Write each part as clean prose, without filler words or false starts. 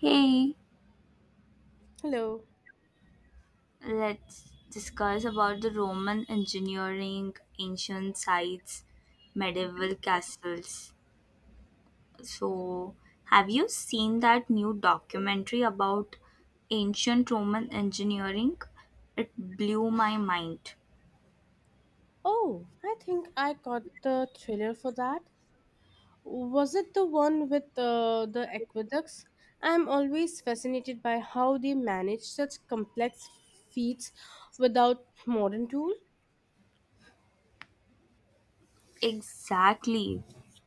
Hey, Hello. let's discuss about the Roman engineering, ancient sites, Alright. medieval castles. So, have you seen that new documentary about ancient Roman engineering? It blew my mind. Oh, I think I caught the trailer for that. Was it the one with the aqueducts? I'm always fascinated by how they manage such complex feats without modern tools. Exactly.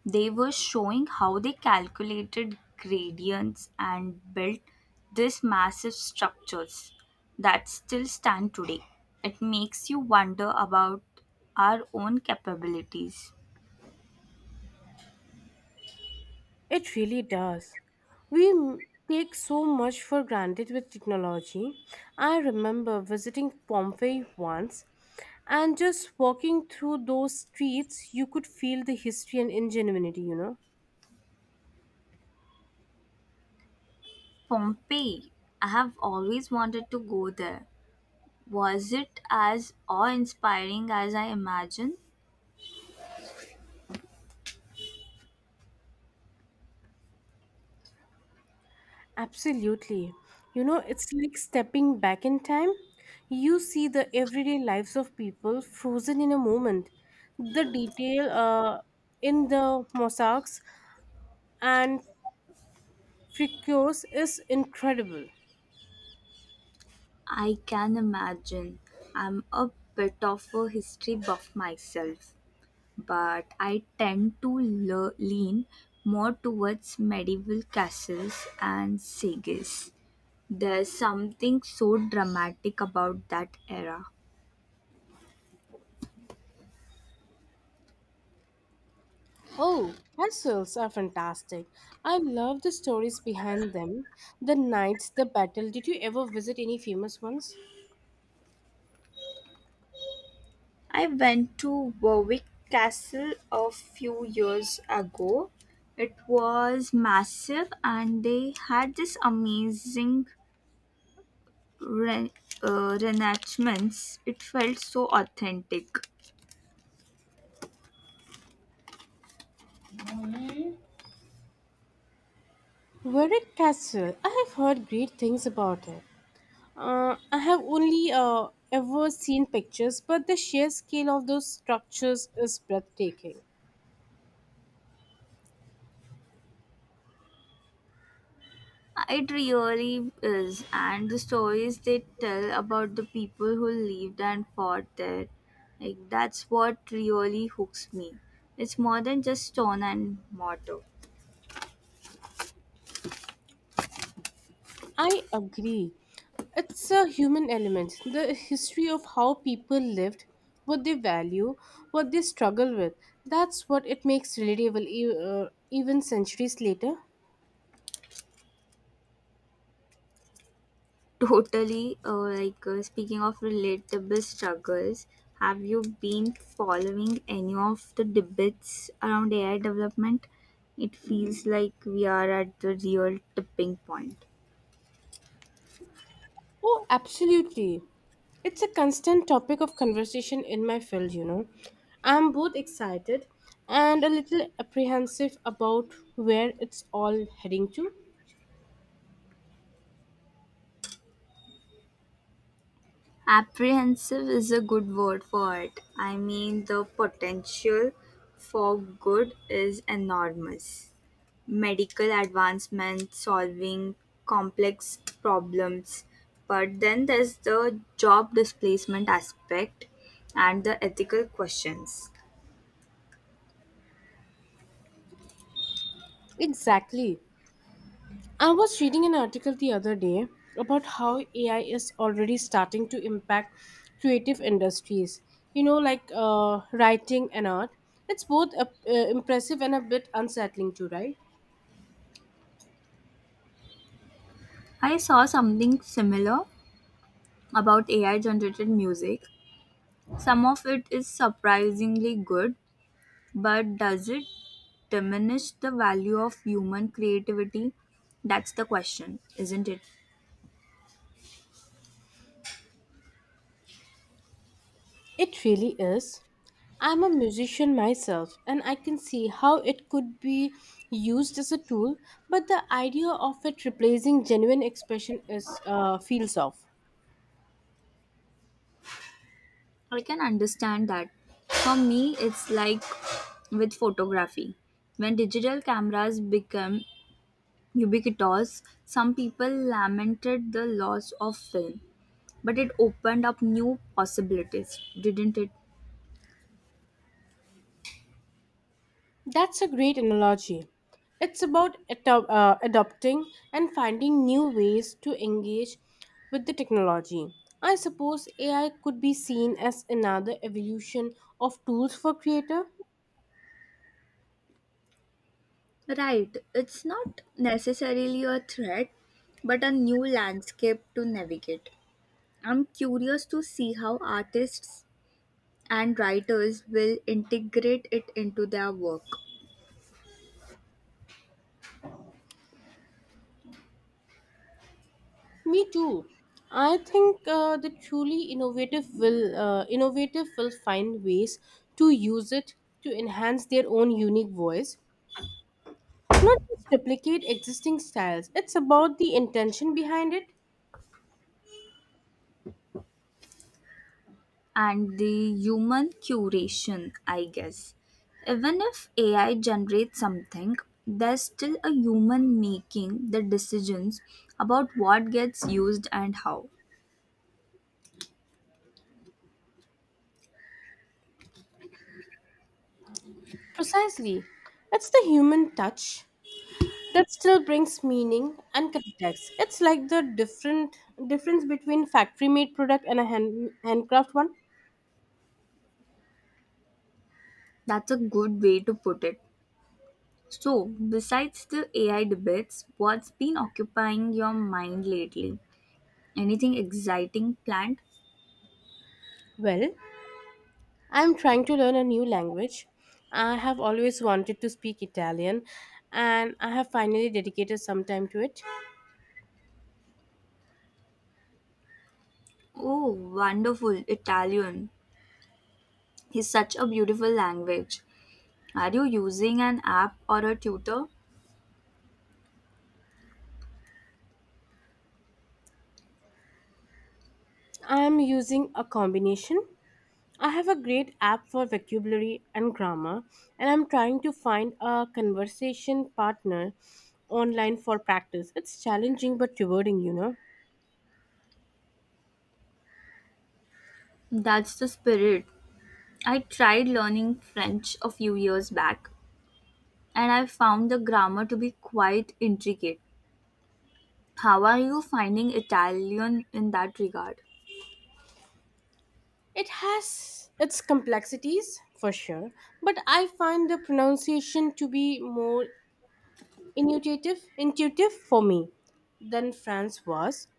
They were showing how they calculated gradients and built these massive structures that still stand today. It makes you wonder about our own capabilities. It really does. We m- Take so much for granted with technology. I remember visiting Pompeii once and just walking through those streets, you could feel the history and ingenuity. Pompeii, I have always wanted to go there. Was it as awe inspiring as I imagined? Absolutely. You know, it's like stepping back in time. You see the everyday lives of people frozen in a moment. The detail in the mosaics and frescoes is incredible. I can imagine. I'm a bit of a history buff myself. But I tend to lean more towards medieval castles and sagas. There's something so dramatic about that era. Oh, castles are fantastic. I love the stories behind them. The knights, the battle. Did you ever visit any famous ones? I went to Warwick Castle a few years ago. It was massive and they had this amazing re- reenactments. It felt so authentic. Warwick Castle. I have heard great things about it. I have only ever seen pictures, but the sheer scale of those structures is breathtaking. It really is, and the stories they tell about the people who lived and fought there, like that's what really hooks me. It's more than just stone and mortar. I agree. It's a human element. The history of how people lived, what they value, what they struggle with. That's what it makes relatable, even centuries later. Totally. Speaking of relatable struggles, have you been following any of the debates around AI development? It feels like we are at the real tipping point. Oh, absolutely. It's a constant topic of conversation in my field. I'm both excited and a little apprehensive about where it's all heading to. Apprehensive is a good word for it. I mean, the potential for good is enormous. Medical advancements, solving complex problems. But then there's the job displacement aspect and the ethical questions. Exactly. I was reading an article the other day about how AI is already starting to impact creative industries, you know, like writing and art. It's both impressive and a bit unsettling, too, right? I saw something similar about AI generated music. Some of it is surprisingly good, but does it diminish the value of human creativity? That's the question, isn't it? It really is. I'm a musician myself, and I can see how it could be used as a tool, but the idea of it replacing genuine expression is feels off. I can understand that. For me, it's like with photography. When digital cameras became ubiquitous, some people lamented the loss of film, but it opened up new possibilities, didn't it? That's a great analogy. It's about adopting and finding new ways to engage with the technology. I suppose AI could be seen as another evolution of tools for creator. Right, it's not necessarily a threat, but a new landscape to navigate. I'm curious to see how artists and writers will integrate it into their work, Me too. I think the truly innovative will find ways to use it to enhance their own unique voice, not just replicate existing styles. It's about the intention behind it. and the human curation, I guess. Even if AI generates something, there's still a human making the decisions about what gets used and how. Precisely. It's the human touch that still brings meaning and context. It's like the different difference between factory made product and a handcraft one. That's a good way to put it. So, besides the AI debates, what's been occupying your mind lately? Anything exciting planned? Well, I'm trying to learn a new language. I have always wanted to speak Italian and I have finally dedicated some time to it. Oh, wonderful, Italian is such a beautiful language. Are you using an app or a tutor? I am using a combination. I have a great app for vocabulary and grammar, and I'm trying to find a conversation partner online for practice. It's challenging but rewarding. That's the spirit. I tried learning French a few years back and I found the grammar to be quite intricate. How are you finding Italian in that regard? It has its complexities for sure, but I find the pronunciation to be more intuitive for me than France was.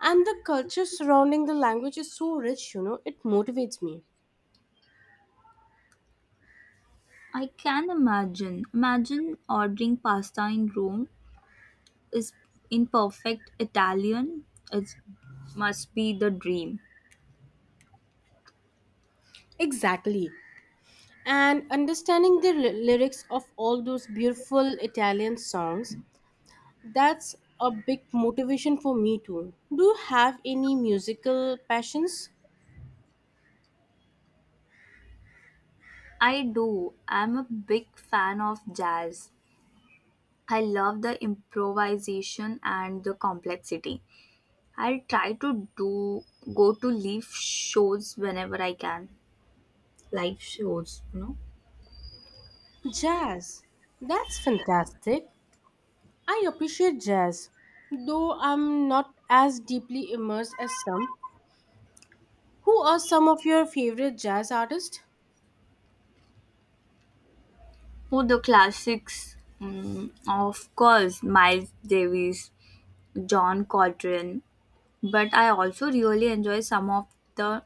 And the culture surrounding the language is so rich, you know, it motivates me. I can imagine. Imagine ordering pasta in Rome is in perfect Italian. It must be the dream. Exactly. And understanding the lyrics of all those beautiful Italian songs, that's a big motivation for me too. Do you have any musical passions? I do. I'm a big fan of jazz. I love the improvisation and the complexity. I'll try to do go to live shows whenever I can. Live shows, you know? Jazz. That's fantastic. I appreciate jazz, though I'm not as deeply immersed as some. Who are some of your favorite jazz artists? Oh, the classics, mm, of course, Miles Davis, John Coltrane. But I also really enjoy some of the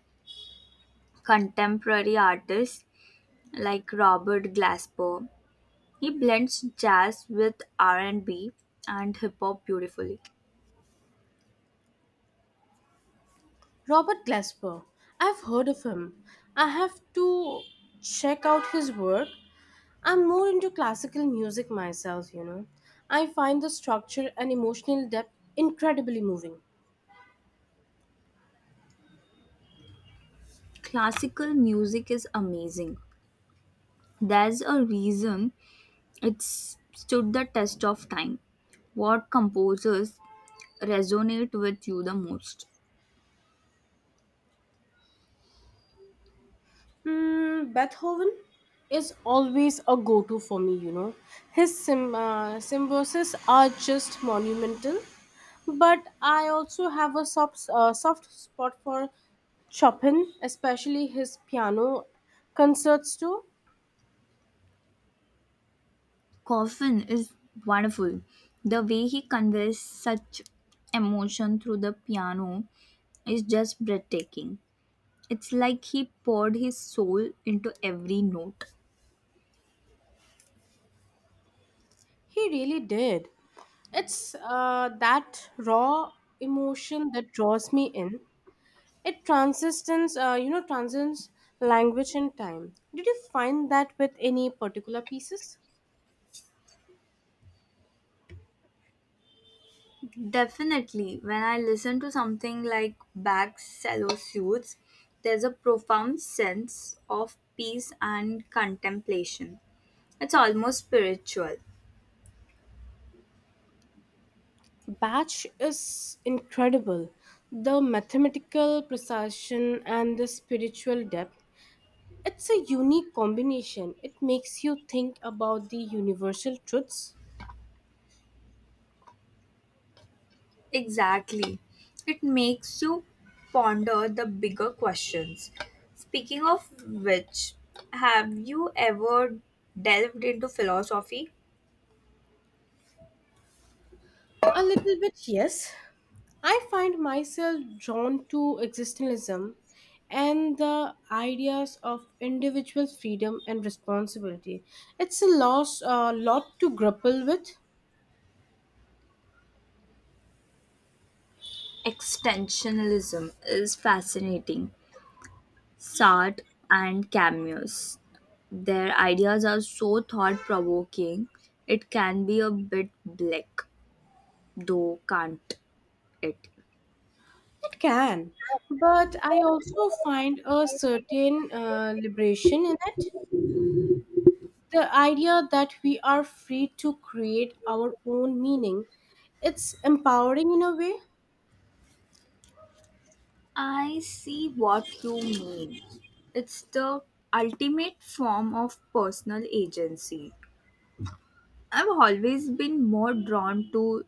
contemporary artists like Robert Glasper. He blends jazz with R&B and hip hop beautifully. Robert Glasper. I've heard of him. I have to check out his work. I'm more into classical music myself. I find the structure and emotional depth incredibly moving. Classical music is amazing. There's a reason it's stood the test of time. What composers resonate with you the most? Mm, Beethoven is always a go to for me. His symphonies are just monumental, but I also have a soft spot for Chopin, especially his piano concerts, too. Coffin is wonderful. The way he conveys such emotion through the piano is just breathtaking. It's like he poured his soul into every note. He really did. It's that raw emotion that draws me in. It transcends language and time. Did you find that with any particular pieces? Definitely, when I listen to something like Bach's cello suites, there's a profound sense of peace and contemplation. It's almost spiritual. Batch is incredible. The mathematical precision and the spiritual depth. It's a unique combination. It makes you think about the universal truths. Exactly. It makes you ponder the bigger questions. Speaking of which, have you ever delved into philosophy? A little bit, yes. I find myself drawn to existentialism and the ideas of individual freedom and responsibility. It's a a lot to grapple with. Extensionalism is fascinating. Sart and cameos. Their ideas are so thought provoking, it can be a bit bleak, though, can't it? It can, but I also find a certain liberation in it. The idea that we are free to create our own meaning. It's empowering in a way. I see what you mean. It's the ultimate form of personal agency. I've always been more drawn to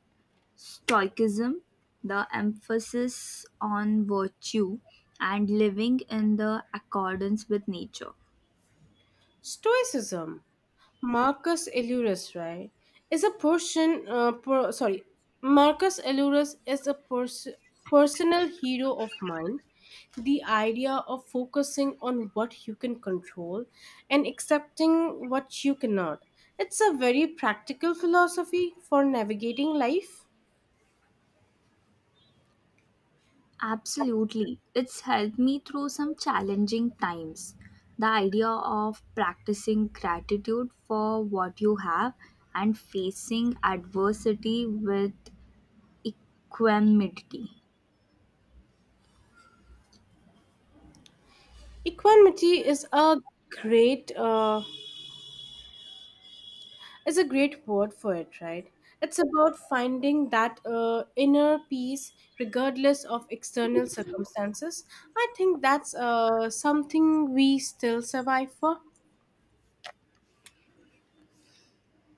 Stoicism, the emphasis on virtue and living in the accordance with nature. Stoicism, Marcus Aurelius, right, is a person. Sorry, Marcus Aurelius is a personal hero of mine. The idea of focusing on what you can control and accepting what you cannot. It's a very practical philosophy for navigating life. Absolutely. It's helped me through some challenging times. The idea of practicing gratitude for what you have and facing adversity with equanimity. Equanimity is a great It's a great word for it, right? It's about finding that inner peace regardless of external circumstances. I think that's something we still survive for.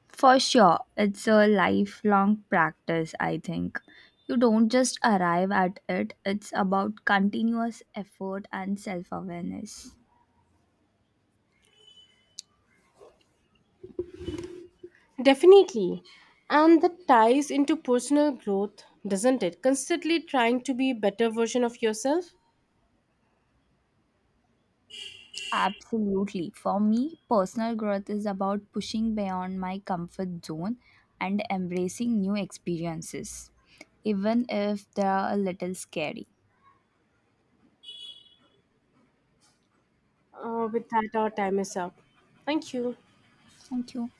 For sure, it's a lifelong practice, I think. You don't just arrive at it, it's about continuous effort and self awareness. Definitely. And that ties into personal growth, doesn't it? Constantly trying to be a better version of yourself. Absolutely. For me, personal growth is about pushing beyond my comfort zone and embracing new experiences, even if they are a little scary. With that, our time is up. Thank you. Thank you.